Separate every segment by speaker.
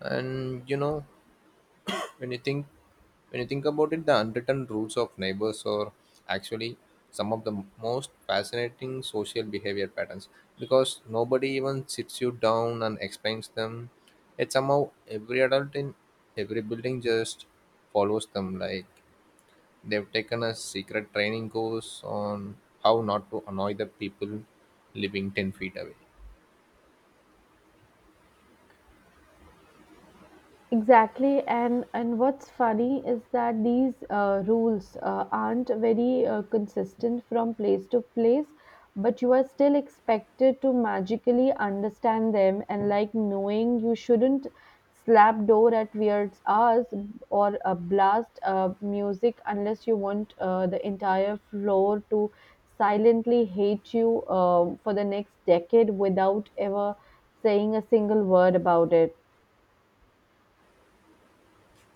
Speaker 1: And when you think when you think about it, the unwritten rules of neighbors are actually some of the most fascinating social behavior patterns, because nobody even sits you down and explains them, yet somehow every adult in every building just follows them like they've taken a secret training course on how not to annoy the people living 10 feet away.
Speaker 2: Exactly, and what's funny is that these rules aren't very consistent from place to place, but you are still expected to magically understand them, and like knowing you shouldn't slap door at weird hours or blast music unless you want the entire floor to silently hate you for the next decade without ever saying a single word about it.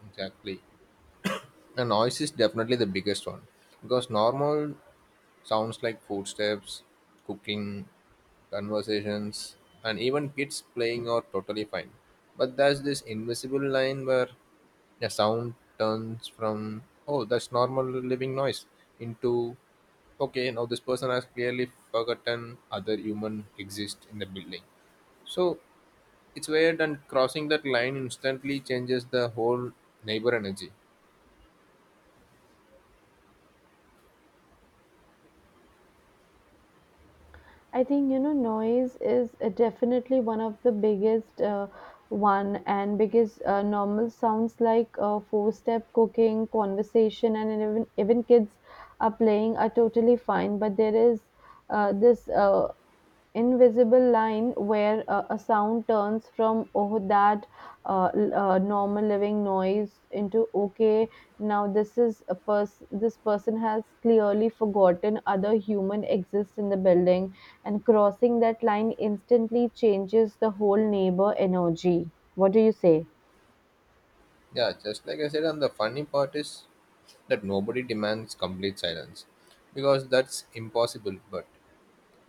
Speaker 1: Exactly. And noise is definitely the biggest one, because normal sounds like footsteps, cooking, conversations, and even kids playing are totally fine. But there's this invisible line where a sound turns from, oh, that's normal living noise, into, okay, now this person has clearly forgotten other human exist in the building. So it's weird, and crossing that line instantly changes the whole neighbor energy.
Speaker 2: I think noise is definitely one of the biggest one, and because normal sounds like four step cooking conversation and even kids are playing are totally fine, but there is this invisible line where a sound turns from, oh, that normal living noise, into okay, now this person has clearly forgotten other human exists in the building, and crossing that line instantly changes the whole neighbor energy. What do you say?
Speaker 1: Yeah, just like I said, and the funny part is that nobody demands complete silence because that's impossible. But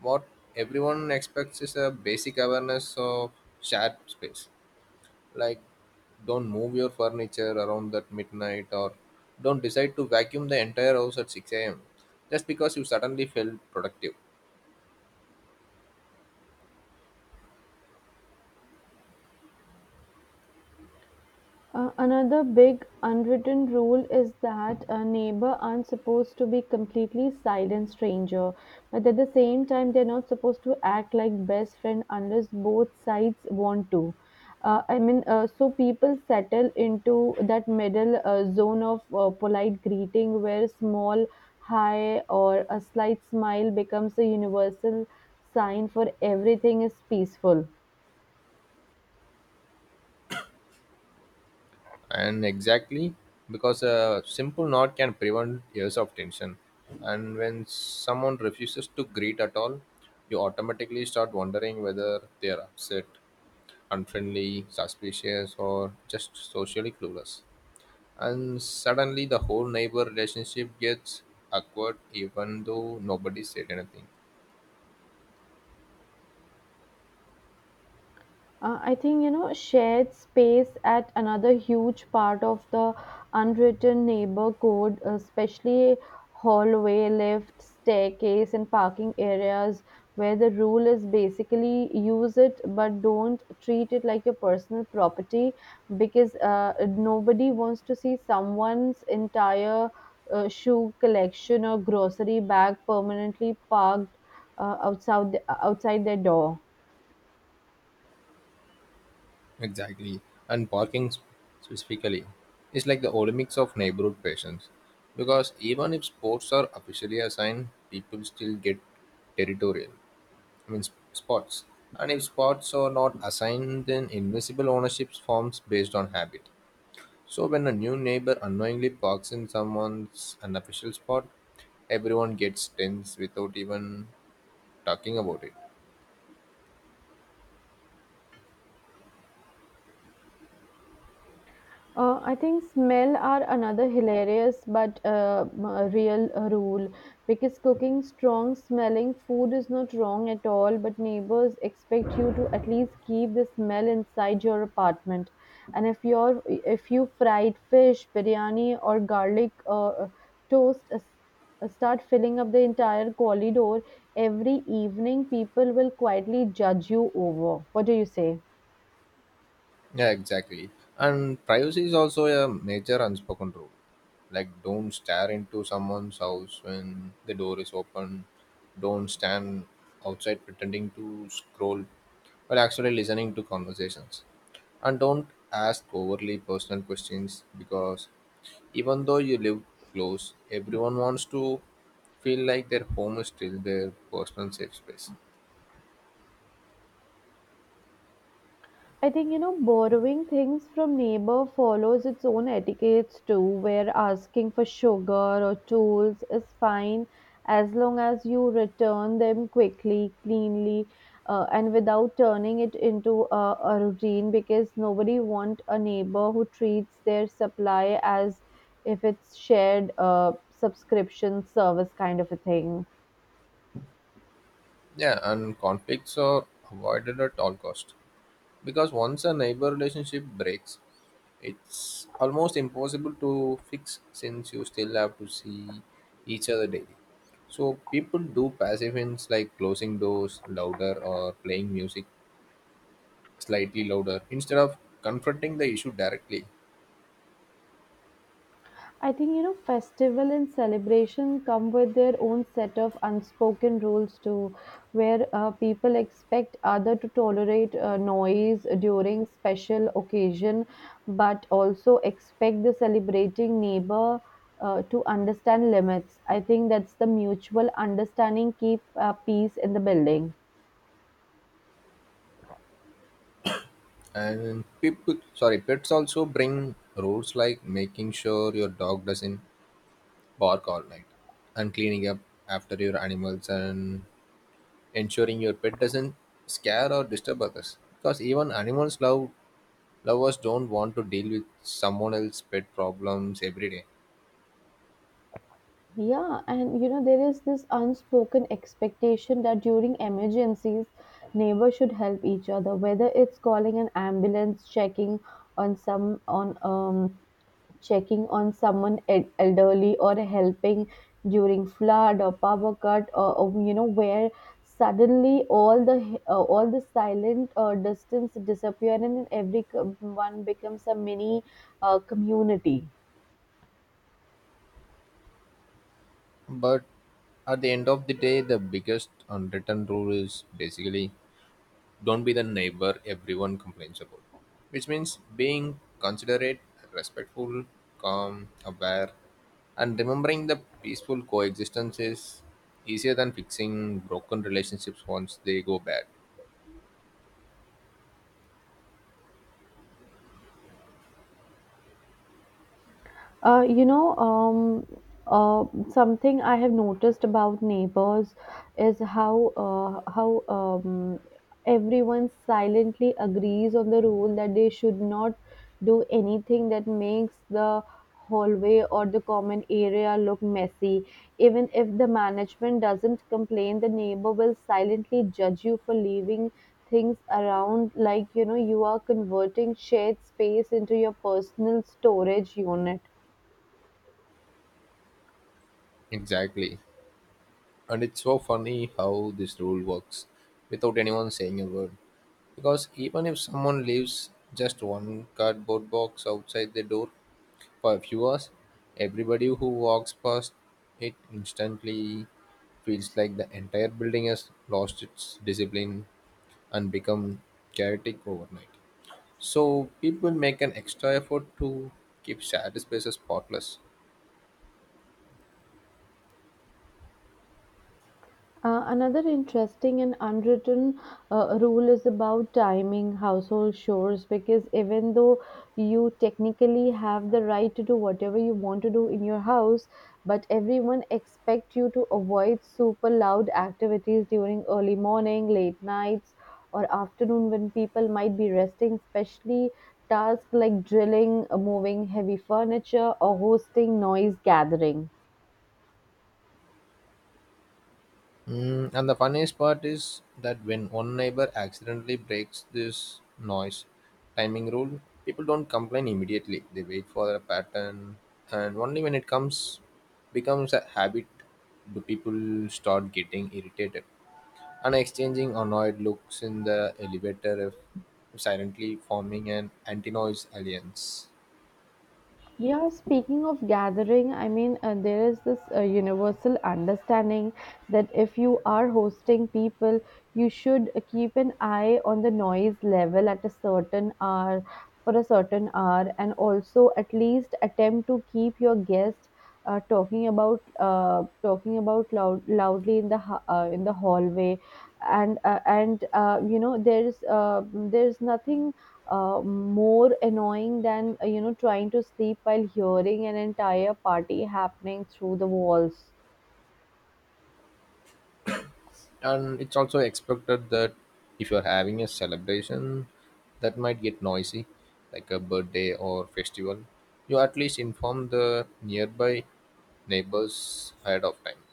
Speaker 1: what everyone expects is a basic awareness of shared space, like don't move your furniture around at midnight, or don't decide to vacuum the entire house at 6 a.m. just because you suddenly felt productive.
Speaker 2: Another big unwritten rule is that a neighbor aren't supposed to be completely silent stranger, but at the same time they're not supposed to act like best friend unless both sides want to. So people settle into that middle zone of polite greeting where small hi or a slight smile becomes a universal sign for everything is peaceful.
Speaker 1: And exactly, because a simple nod can prevent years of tension, and when someone refuses to greet at all, you automatically start wondering whether they are upset, unfriendly, suspicious, or just socially clueless. And suddenly the whole neighbor relationship gets awkward, even though nobody said anything.
Speaker 2: I think shared space at another huge part of the unwritten neighbor code, especially hallway, lift, staircase, and parking areas, where the rule is basically use it but don't treat it like your personal property, because nobody wants to see someone's entire shoe collection or grocery bag permanently parked outside their door.
Speaker 1: Exactly. And parking specifically is like the Olympics of neighborhood patients. Because even if sports are officially assigned, people still get territorial. I mean, spots. And if spots are not assigned, then invisible ownership forms based on habit. So when a new neighbor unknowingly parks in someone's unofficial spot, everyone gets tense without even talking about it.
Speaker 2: I think smell are another hilarious but real rule, because cooking strong smelling food is not wrong at all, but neighbors expect you to at least keep the smell inside your apartment. And if you fried fish, biryani, or garlic toast start filling up the entire corridor every evening, people will quietly judge you over. What do you say?
Speaker 1: Yeah, exactly. And privacy is also a major unspoken rule. Like, don't stare into someone's house when the door is open. Don't stand outside pretending to scroll while actually listening to conversations. And don't ask overly personal questions, because even though you live close, everyone wants to feel like their home is still their personal safe space.
Speaker 2: I think borrowing things from neighbor follows its own etiquettes too, where asking for sugar or tools is fine as long as you return them quickly, cleanly, and without turning it into a routine. Because nobody want a neighbor who treats their supply as if it's shared subscription service kind of a thing.
Speaker 1: Yeah, and conflicts are avoided at all cost, because once a neighbor relationship breaks, it's almost impossible to fix, since you still have to see each other daily. So people do passive hints like closing doors louder or playing music slightly louder, instead of confronting the issue directly.
Speaker 2: I think festival and celebration come with their own set of unspoken rules too, where people expect other to tolerate noise during special occasion, but also expect the celebrating neighbor to understand limits. I think that's the mutual understanding keep peace in the building.
Speaker 1: And people, sorry, pets also bring rules like making sure your dog doesn't bark all night, and cleaning up after your animals, and ensuring your pet doesn't scare or disturb others, because even animals lovers don't want to deal with someone else's pet problems every day.
Speaker 2: Yeah, and you know, there is this unspoken expectation that during emergencies, neighbors should help each other, whether it's calling an ambulance, on some on um checking on someone elderly, or helping during flood or power cut, or you know, where suddenly all the silent distance disappear, and every one becomes a mini community.
Speaker 1: But at the end of the day, the biggest unwritten rule is basically don't be the neighbor everyone complains about, which means being considerate, respectful, calm, aware, and remembering the peaceful coexistence is easier than fixing broken relationships once they go bad.
Speaker 2: Uh, you know, um, uh, Something I have noticed about neighbors is how everyone silently agrees on the rule that they should not do anything that makes the hallway or the common area look messy. Even if the management doesn't complain, the neighbor will silently judge you for leaving things around, like you know you are converting shared space into your personal storage unit.
Speaker 1: Exactly. And it's so funny how this rule works without anyone saying a word. Because even if someone leaves just one cardboard box outside the door for a few hours, everybody who walks past it instantly feels like the entire building has lost its discipline and become chaotic overnight. So people make an extra effort to keep shared spaces spotless.
Speaker 2: Another interesting and unwritten rule is about timing household chores, because even though you technically have the right to do whatever you want to do in your house, but everyone expects you to avoid super loud activities during early morning, late nights, or afternoon when people might be resting, especially tasks like drilling, moving heavy furniture, or hosting noise gathering.
Speaker 1: And the funniest part is that when one neighbor accidentally breaks this noise timing rule, people don't complain immediately. They wait for a pattern, and only when it comes becomes a habit, do people start getting irritated and exchanging annoyed looks in the elevator, if silently forming an anti-noise alliance.
Speaker 2: Yeah, speaking of gathering, there is this universal understanding that if you are hosting people, you should keep an eye on the noise level at a certain hour for a certain hour, and also at least attempt to keep your guest talking about loudly in the in the hallway, and you know there's nothing more annoying than you know trying to sleep while hearing an entire party happening through the walls.
Speaker 1: And it's also expected that if you're having a celebration that might get noisy, like a birthday or festival, you at least inform the nearby neighbors ahead of time,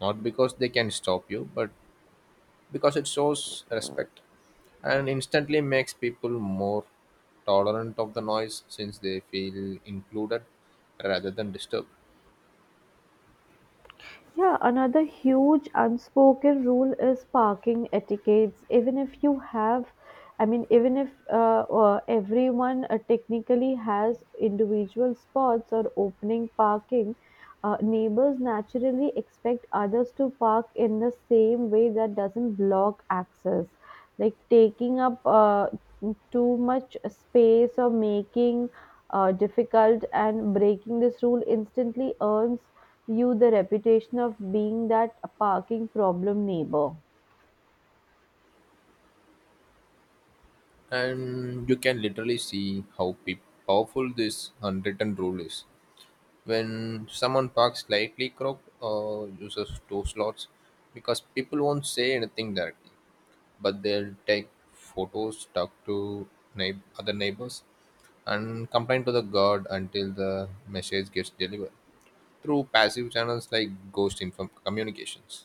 Speaker 1: not because they can stop you, but because it shows respect and instantly makes people more tolerant of the noise since they feel included rather than disturbed.
Speaker 2: Yeah, another huge unspoken rule is parking etiquettes. Even if you have, I mean, Even if everyone technically has individual spots or opening parking, neighbors naturally expect others to park in the same way that doesn't block access, like taking up too much space or making difficult, and breaking this rule instantly earns you the reputation of being that parking problem neighbor.
Speaker 1: And you can literally see how powerful this unwritten rule is when someone parks slightly crooked or uses two slots, because people won't say anything directly, but they'll take photos, talk to other neighbors, and complain to the guard until the message gets delivered through passive channels like ghost inform communications.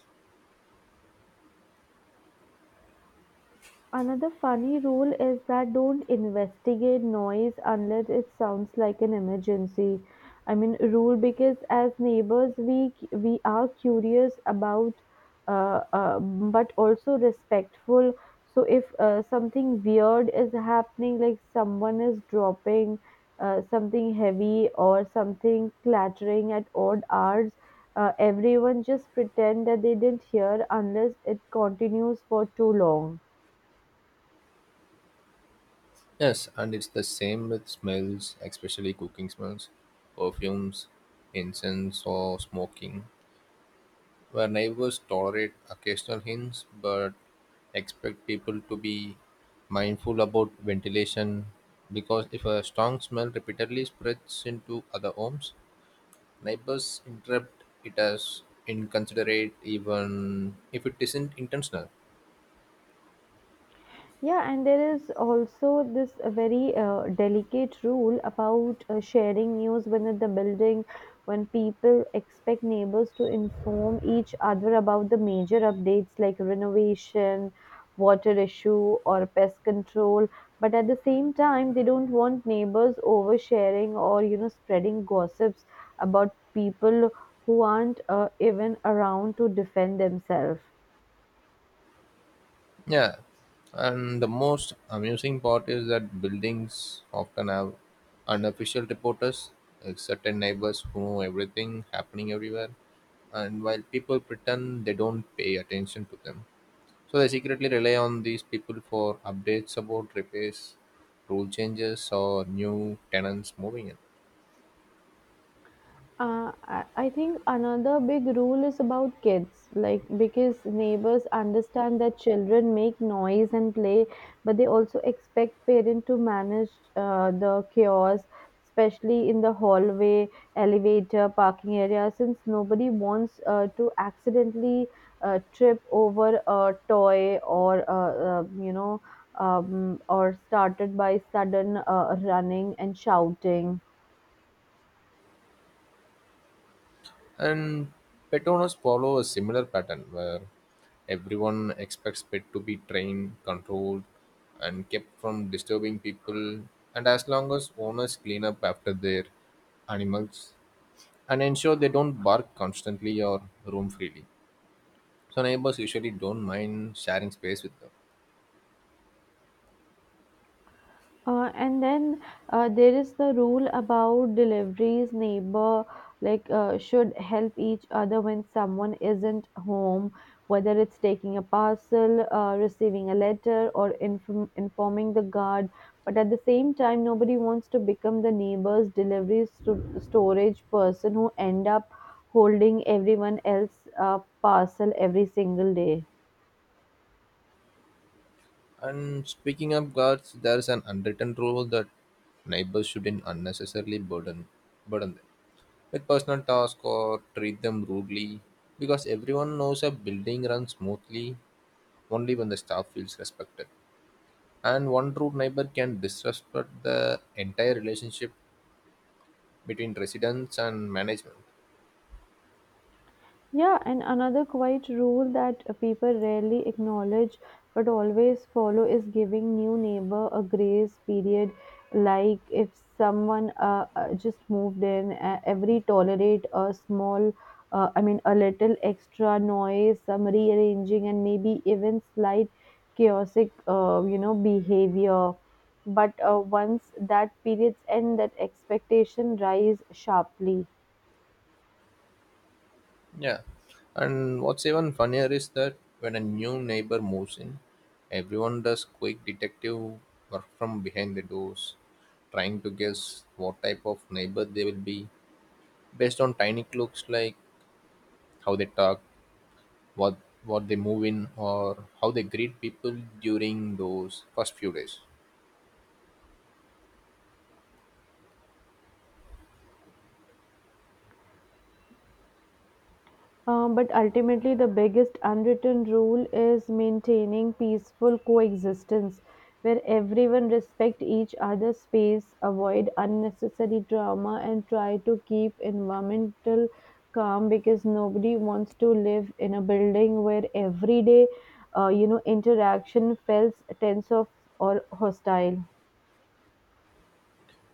Speaker 2: Another funny rule is that don't investigate noise unless it sounds like an emergency. I mean rule because as neighbors we are curious about but also respectful. So if something weird is happening, like someone is dropping something heavy or something clattering at odd hours, everyone just pretend that they didn't hear unless it continues for too long.
Speaker 1: Yes, and it's the same with smells, especially cooking smells, perfumes, incense, or smoking, where neighbors tolerate occasional hints but expect people to be mindful about ventilation, because if a strong smell repeatedly spreads into other homes, neighbors interpret it as inconsiderate even if it isn't intentional.
Speaker 2: Yeah, and there is also this very delicate rule about sharing news within the building, when people expect neighbors to inform each other about the major updates like renovation, water issue, or pest control. But at the same time, they don't want neighbors oversharing, or you know, spreading gossips about people who aren't even around to defend themselves.
Speaker 1: Yeah, and the most amusing part is that buildings often have unofficial reporters, like certain neighbors who know everything happening everywhere, and while people pretend they don't pay attention to them. So they secretly rely on these people for updates about repairs, rule changes, or new tenants moving in.
Speaker 2: I think another big rule is about kids, like because neighbors understand that children make noise and play, but they also expect parents to manage the chaos, especially in the hallway, elevator, parking area, since nobody wants to accidentally trip over a toy, or you know, or started by sudden running and shouting.
Speaker 1: And pet owners follow a similar pattern where everyone expects pet to be trained, controlled, and kept from disturbing people. And as long as owners clean up after their animals and ensure they don't bark constantly or roam freely. So neighbors usually don't mind sharing space with them.
Speaker 2: And then there is the rule about deliveries. Neighbor like should help each other when someone isn't home, whether it's taking a parcel, receiving a letter, or informing the guard. But at the same time, nobody wants to become the neighbor's delivery storage person who end up holding everyone else's parcel every single day.
Speaker 1: And speaking of guards, there's an unwritten rule that neighbors shouldn't unnecessarily burden them with personal tasks or treat them rudely, because everyone knows a building runs smoothly only when the staff feels respected, and one rude neighbor can disrupt the entire relationship between residents and management.
Speaker 2: Yeah, and another quiet rule that people rarely acknowledge but always follow is giving new neighbor a grace period. Like if someone just moved in, every tolerate a small, I mean, a little extra noise, some rearranging, and maybe even slight chaotic, you know, behavior. But once that period's end, that expectation rise sharply.
Speaker 1: Yeah, and what's even funnier is that when a new neighbor moves in, everyone does quick detective work from behind the doors, trying to guess what type of neighbor they will be based on tiny clues like how they talk, what what they move in, or how they greet people during those first few days.
Speaker 2: But ultimately, the biggest unwritten rule is maintaining peaceful coexistence, where everyone respect each other's space, avoid unnecessary drama, and try to keep environmental calm, because nobody wants to live in a building where every day, you know, interaction feels tense of or hostile.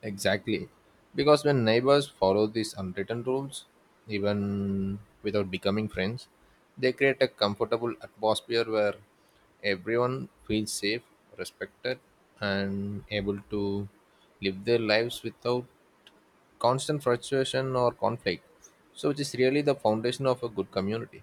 Speaker 1: Exactly, because when neighbors follow these unwritten rules, even without becoming friends, they create a comfortable atmosphere where everyone feels safe, respected, and able to live their lives without constant frustration or conflict, so which is really the foundation of a good community.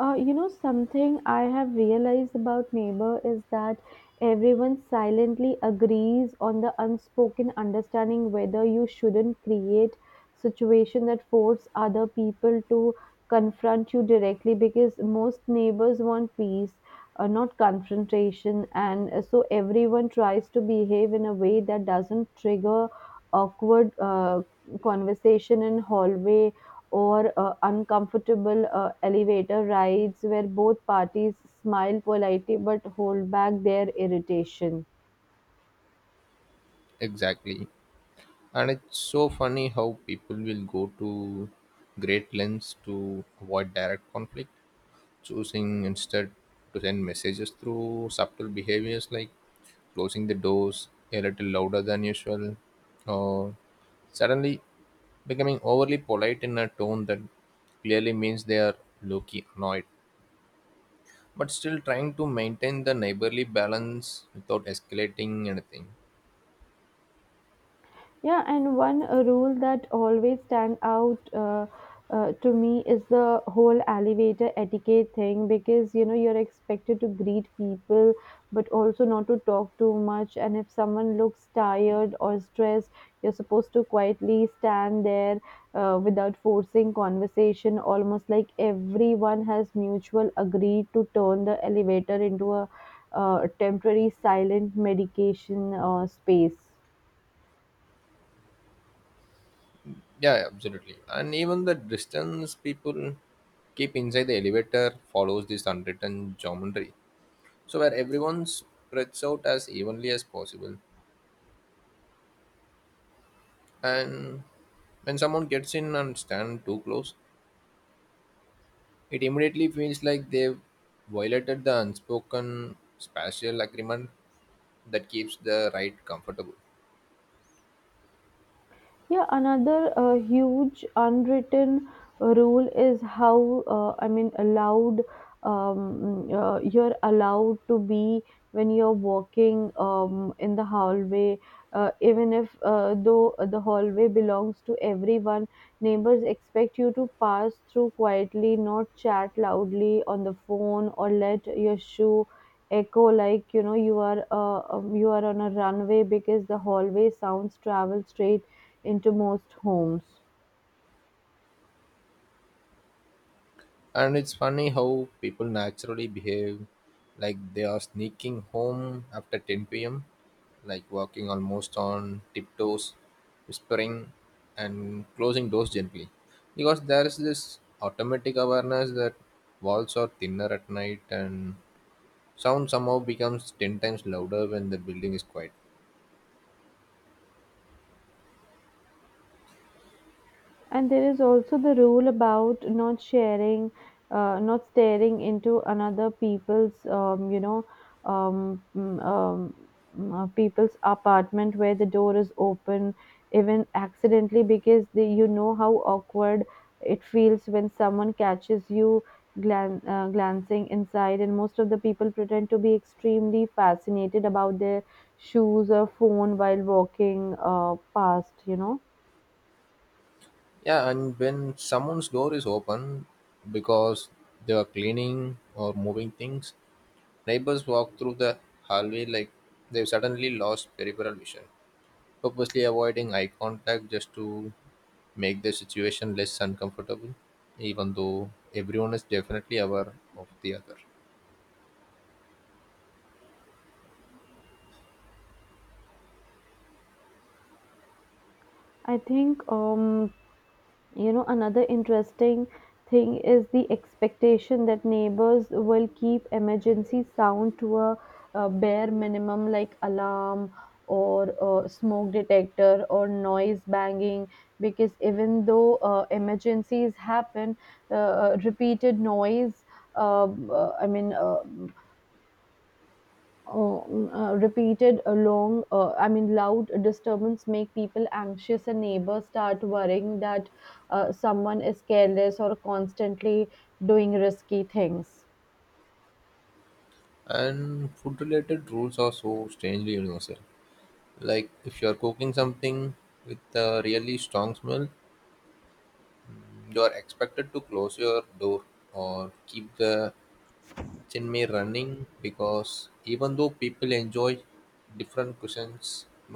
Speaker 2: Something I have realized about neighbor is that everyone silently agrees on the unspoken understanding whether you shouldn't create situation that force other people to confront you directly, because most neighbors want peace, not confrontation, and so everyone tries to behave in a way that doesn't trigger awkward conversation in hallway, or uncomfortable elevator rides where both parties smile politely but hold back their irritation.
Speaker 1: Exactly. And it's so funny how people will go to great lengths to avoid direct conflict, choosing instead to send messages through subtle behaviors like closing the doors a little louder than usual, or suddenly becoming overly polite in a tone that clearly means they are low key annoyed, but still trying to maintain the neighborly balance without escalating anything.
Speaker 2: Yeah, and one rule that always stand out to me is the whole elevator etiquette thing, because you know you're expected to greet people but also not to talk too much, and if someone looks tired or stressed you're supposed to quietly stand there without forcing conversation, almost like everyone has mutual agreed to turn the elevator into a temporary silent medication space.
Speaker 1: Yeah, yeah, absolutely. And even the distance people keep inside the elevator follows this unwritten geometry, so where everyone spreads out as evenly as possible. And when someone gets in and stand too close, it immediately feels like they've violated the unspoken spatial agreement that keeps the ride comfortable.
Speaker 2: Yeah, another huge unwritten rule is how I mean allowed you're allowed to be when you're walking in the hallway, even if though the hallway belongs to everyone, neighbors expect you to pass through quietly, not chat loudly on the phone or let your shoe echo, like you know you are on a runway, because the hallway sounds travel straight into most homes.
Speaker 1: And it's funny how people naturally behave like they are sneaking home after 10 p.m., like walking almost on tiptoes, whispering, and closing doors gently. Because there is this automatic awareness that walls are thinner at night and sound somehow becomes 10 times louder when the building is quiet.
Speaker 2: And there is also the rule about not sharing, not staring into another people's, um, mm, um, people's apartment where the door is open, even accidentally, because they, you know how awkward it feels when someone catches you glancing inside. And most of the people pretend to be extremely fascinated about their shoes or phone while walking past, you know.
Speaker 1: Yeah, and when someone's door is open because they are cleaning or moving things, neighbors walk through the hallway like they've suddenly lost peripheral vision, purposely avoiding eye contact just to make the situation less uncomfortable, even though everyone is definitely aware of the other.
Speaker 2: I think another interesting thing is the expectation that neighbors will keep emergency sound to a, bare minimum, like alarm or smoke detector or noise banging, because even though emergencies happen, repeated noise. I mean. Repeated long loud disturbance make people anxious, and neighbors start worrying that someone is careless or constantly doing risky things.
Speaker 1: And food related rules are so strangely universal. Like, if you are cooking something with a really strong smell, you are expected to close your door or keep the it's in me running, because even though people enjoy different cuisines,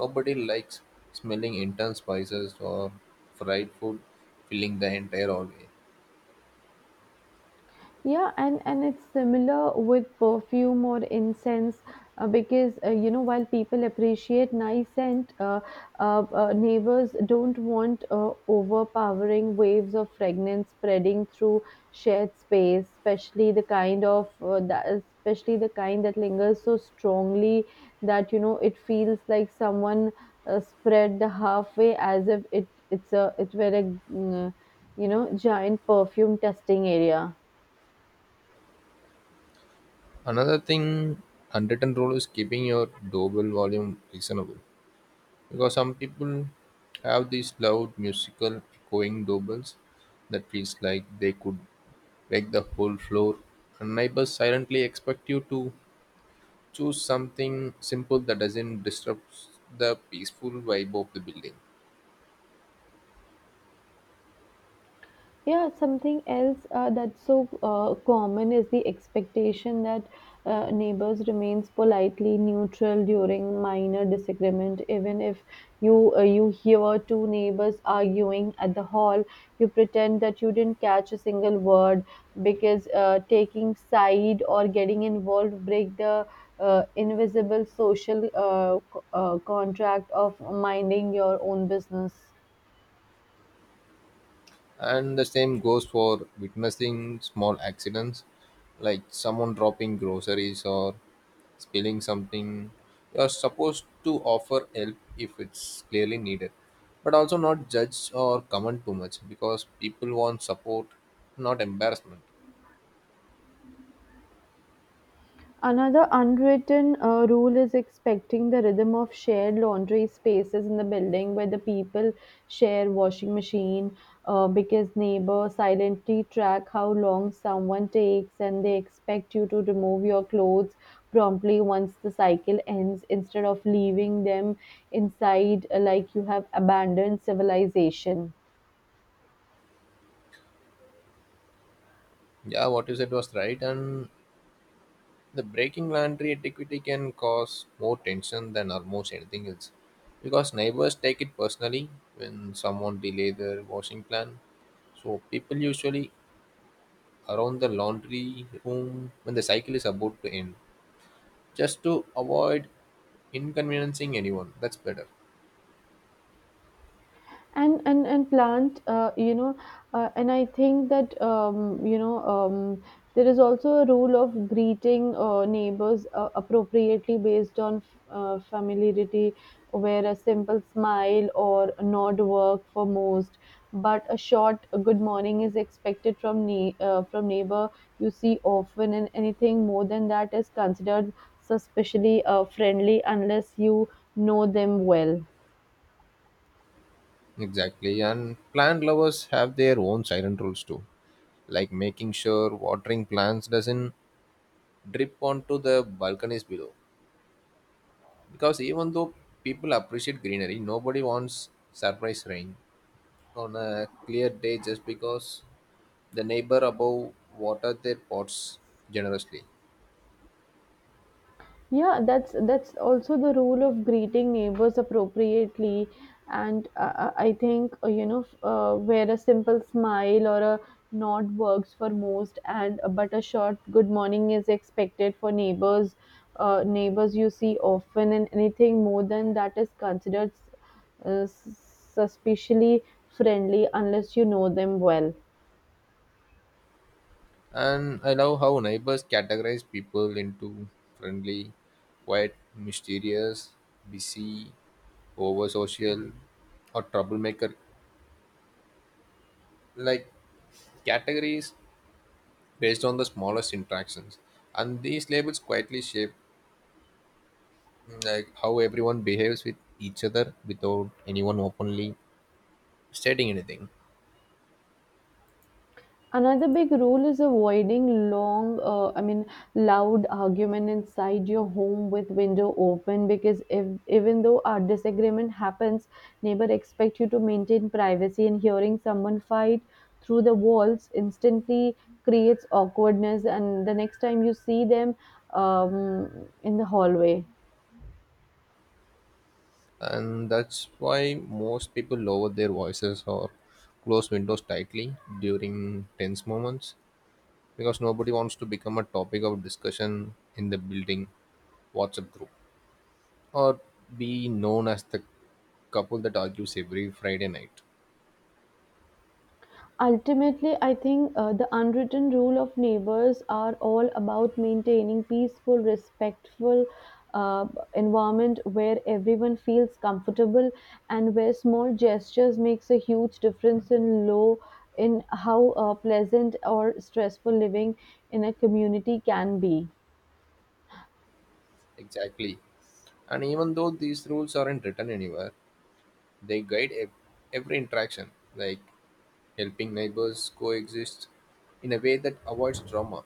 Speaker 1: nobody likes smelling intense spices or fried food filling the entire hallway.
Speaker 2: Yeah, and it's similar with perfume or incense, because you know, while people appreciate nice scent, neighbors don't want overpowering waves of fragrance spreading through shared space, especially the kind of that especially the kind that lingers so strongly that, you know, it feels like someone spread the halfway as if it were a mm, uh, you know, giant perfume testing area.
Speaker 1: Another thing, unwritten rule is keeping your doorbell volume reasonable, because some people have these loud musical echoing doorbells that feels like they could wake the whole floor, and neighbors silently expect you to choose something simple that doesn't disrupt the peaceful vibe of the building.
Speaker 2: Yeah, something else that's so common is the expectation that neighbors remains politely neutral during minor disagreement. Even if you hear two neighbors arguing at the hall, you pretend that you didn't catch a single word, because taking side or getting involved break the invisible social contract of minding your own business.
Speaker 1: And the same goes for witnessing small accidents like someone dropping groceries or spilling something. You are supposed to offer help if it's clearly needed, but also not judge or comment too much, because people want support, not embarrassment.
Speaker 2: Another unwritten rule is expecting the rhythm of shared laundry spaces in the building where the people share washing machine, because neighbors silently track how long someone takes, and they expect you to remove your clothes promptly once the cycle ends, instead of leaving them inside, like you have abandoned civilization.
Speaker 1: Yeah, what you said was right, and the breaking laundry etiquette can cause more tension than almost anything else, because neighbors take it personally when someone delay their washing plan. So people usually around the laundry room when the cycle is about to end, just to avoid inconveniencing anyone. That's better.
Speaker 2: And plant, you know, and I think that you know, there is also a rule of greeting neighbors appropriately based on familiarity, where a simple smile or nod work for most, but a short good morning is expected from from neighbor you see often, and anything more than that is considered suspiciously friendly unless you know them well.
Speaker 1: Exactly. And plant lovers have their own silent rules too, like making sure watering plants doesn't drip onto the balconies below, because even though people appreciate greenery, nobody wants surprise rain on a clear day just because the neighbor above watered their pots generously.
Speaker 2: Yeah, that's also the rule of greeting neighbors appropriately, and I think you know, where a simple smile or a nod works for most, and but a short good morning is expected for neighbors. Neighbors you see often, and anything more than that is considered suspiciously friendly unless you know them well.
Speaker 1: And I love how neighbors categorize people into friendly, quiet, mysterious, busy, over social, or troublemaker. Like categories based on the smallest interactions. And these labels quietly shape like how everyone behaves with each other without anyone openly stating anything.
Speaker 2: Another big rule is avoiding long, loud argument inside your home with window open, because if even though a disagreement happens, neighbor expect you to maintain privacy, and hearing someone fight through the walls instantly creates awkwardness and the next time you see them in the hallway.
Speaker 1: And that's why most people lower their voices or close windows tightly during tense moments, because nobody wants to become a topic of discussion in the building WhatsApp group, or be known as the couple that argues every Friday night.
Speaker 2: Ultimately, I think the unwritten rule of neighbors are all about maintaining peaceful, respectful uh, environment where everyone feels comfortable, and where small gestures makes a huge difference in low in how pleasant or stressful living in a community can be.
Speaker 1: Exactly, and even though these rules aren't written anywhere, they guide every interaction, like helping neighbors coexist in a way that avoids trauma,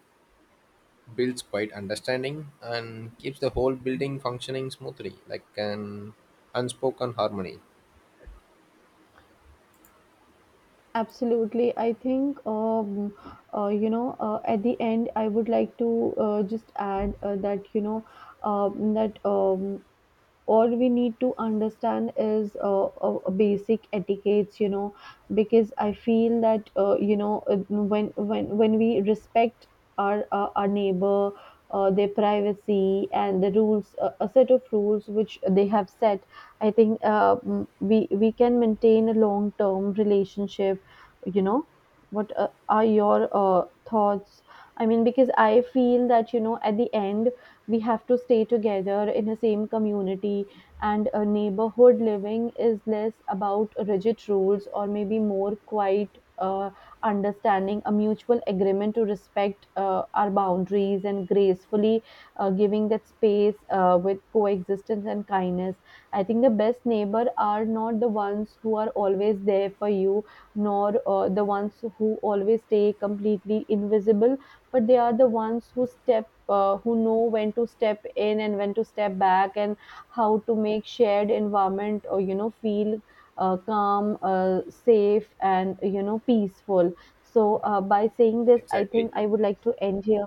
Speaker 1: builds quiet understanding, and keeps the whole building functioning smoothly, like an unspoken harmony.
Speaker 2: Absolutely. I think, you know, at the end, I would like to just add that, you know, that all we need to understand is a basic etiquettes, you know, because I feel that, you know, when when we respect our neighbor, their privacy and the rules, a set of rules which they have set, I think we can maintain a long term relationship, you know. What are your thoughts? Because I feel that, you know, at the end, we have to stay together in the same community, and a neighborhood living is less about rigid rules, or maybe more quiet understanding, a mutual agreement to respect our boundaries, and gracefully giving that space with coexistence and kindness. I think the best neighbor are not the ones who are always there for you, nor the ones who always stay completely invisible, but they are the ones who step. Who know when to step in and when to step back, and how to make shared environment, or you know, feel calm, safe, and you know, peaceful. So by saying this, I
Speaker 1: Exactly.
Speaker 2: think I would like to end here.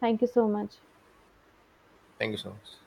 Speaker 2: Thank you so much.
Speaker 1: Thank you so much.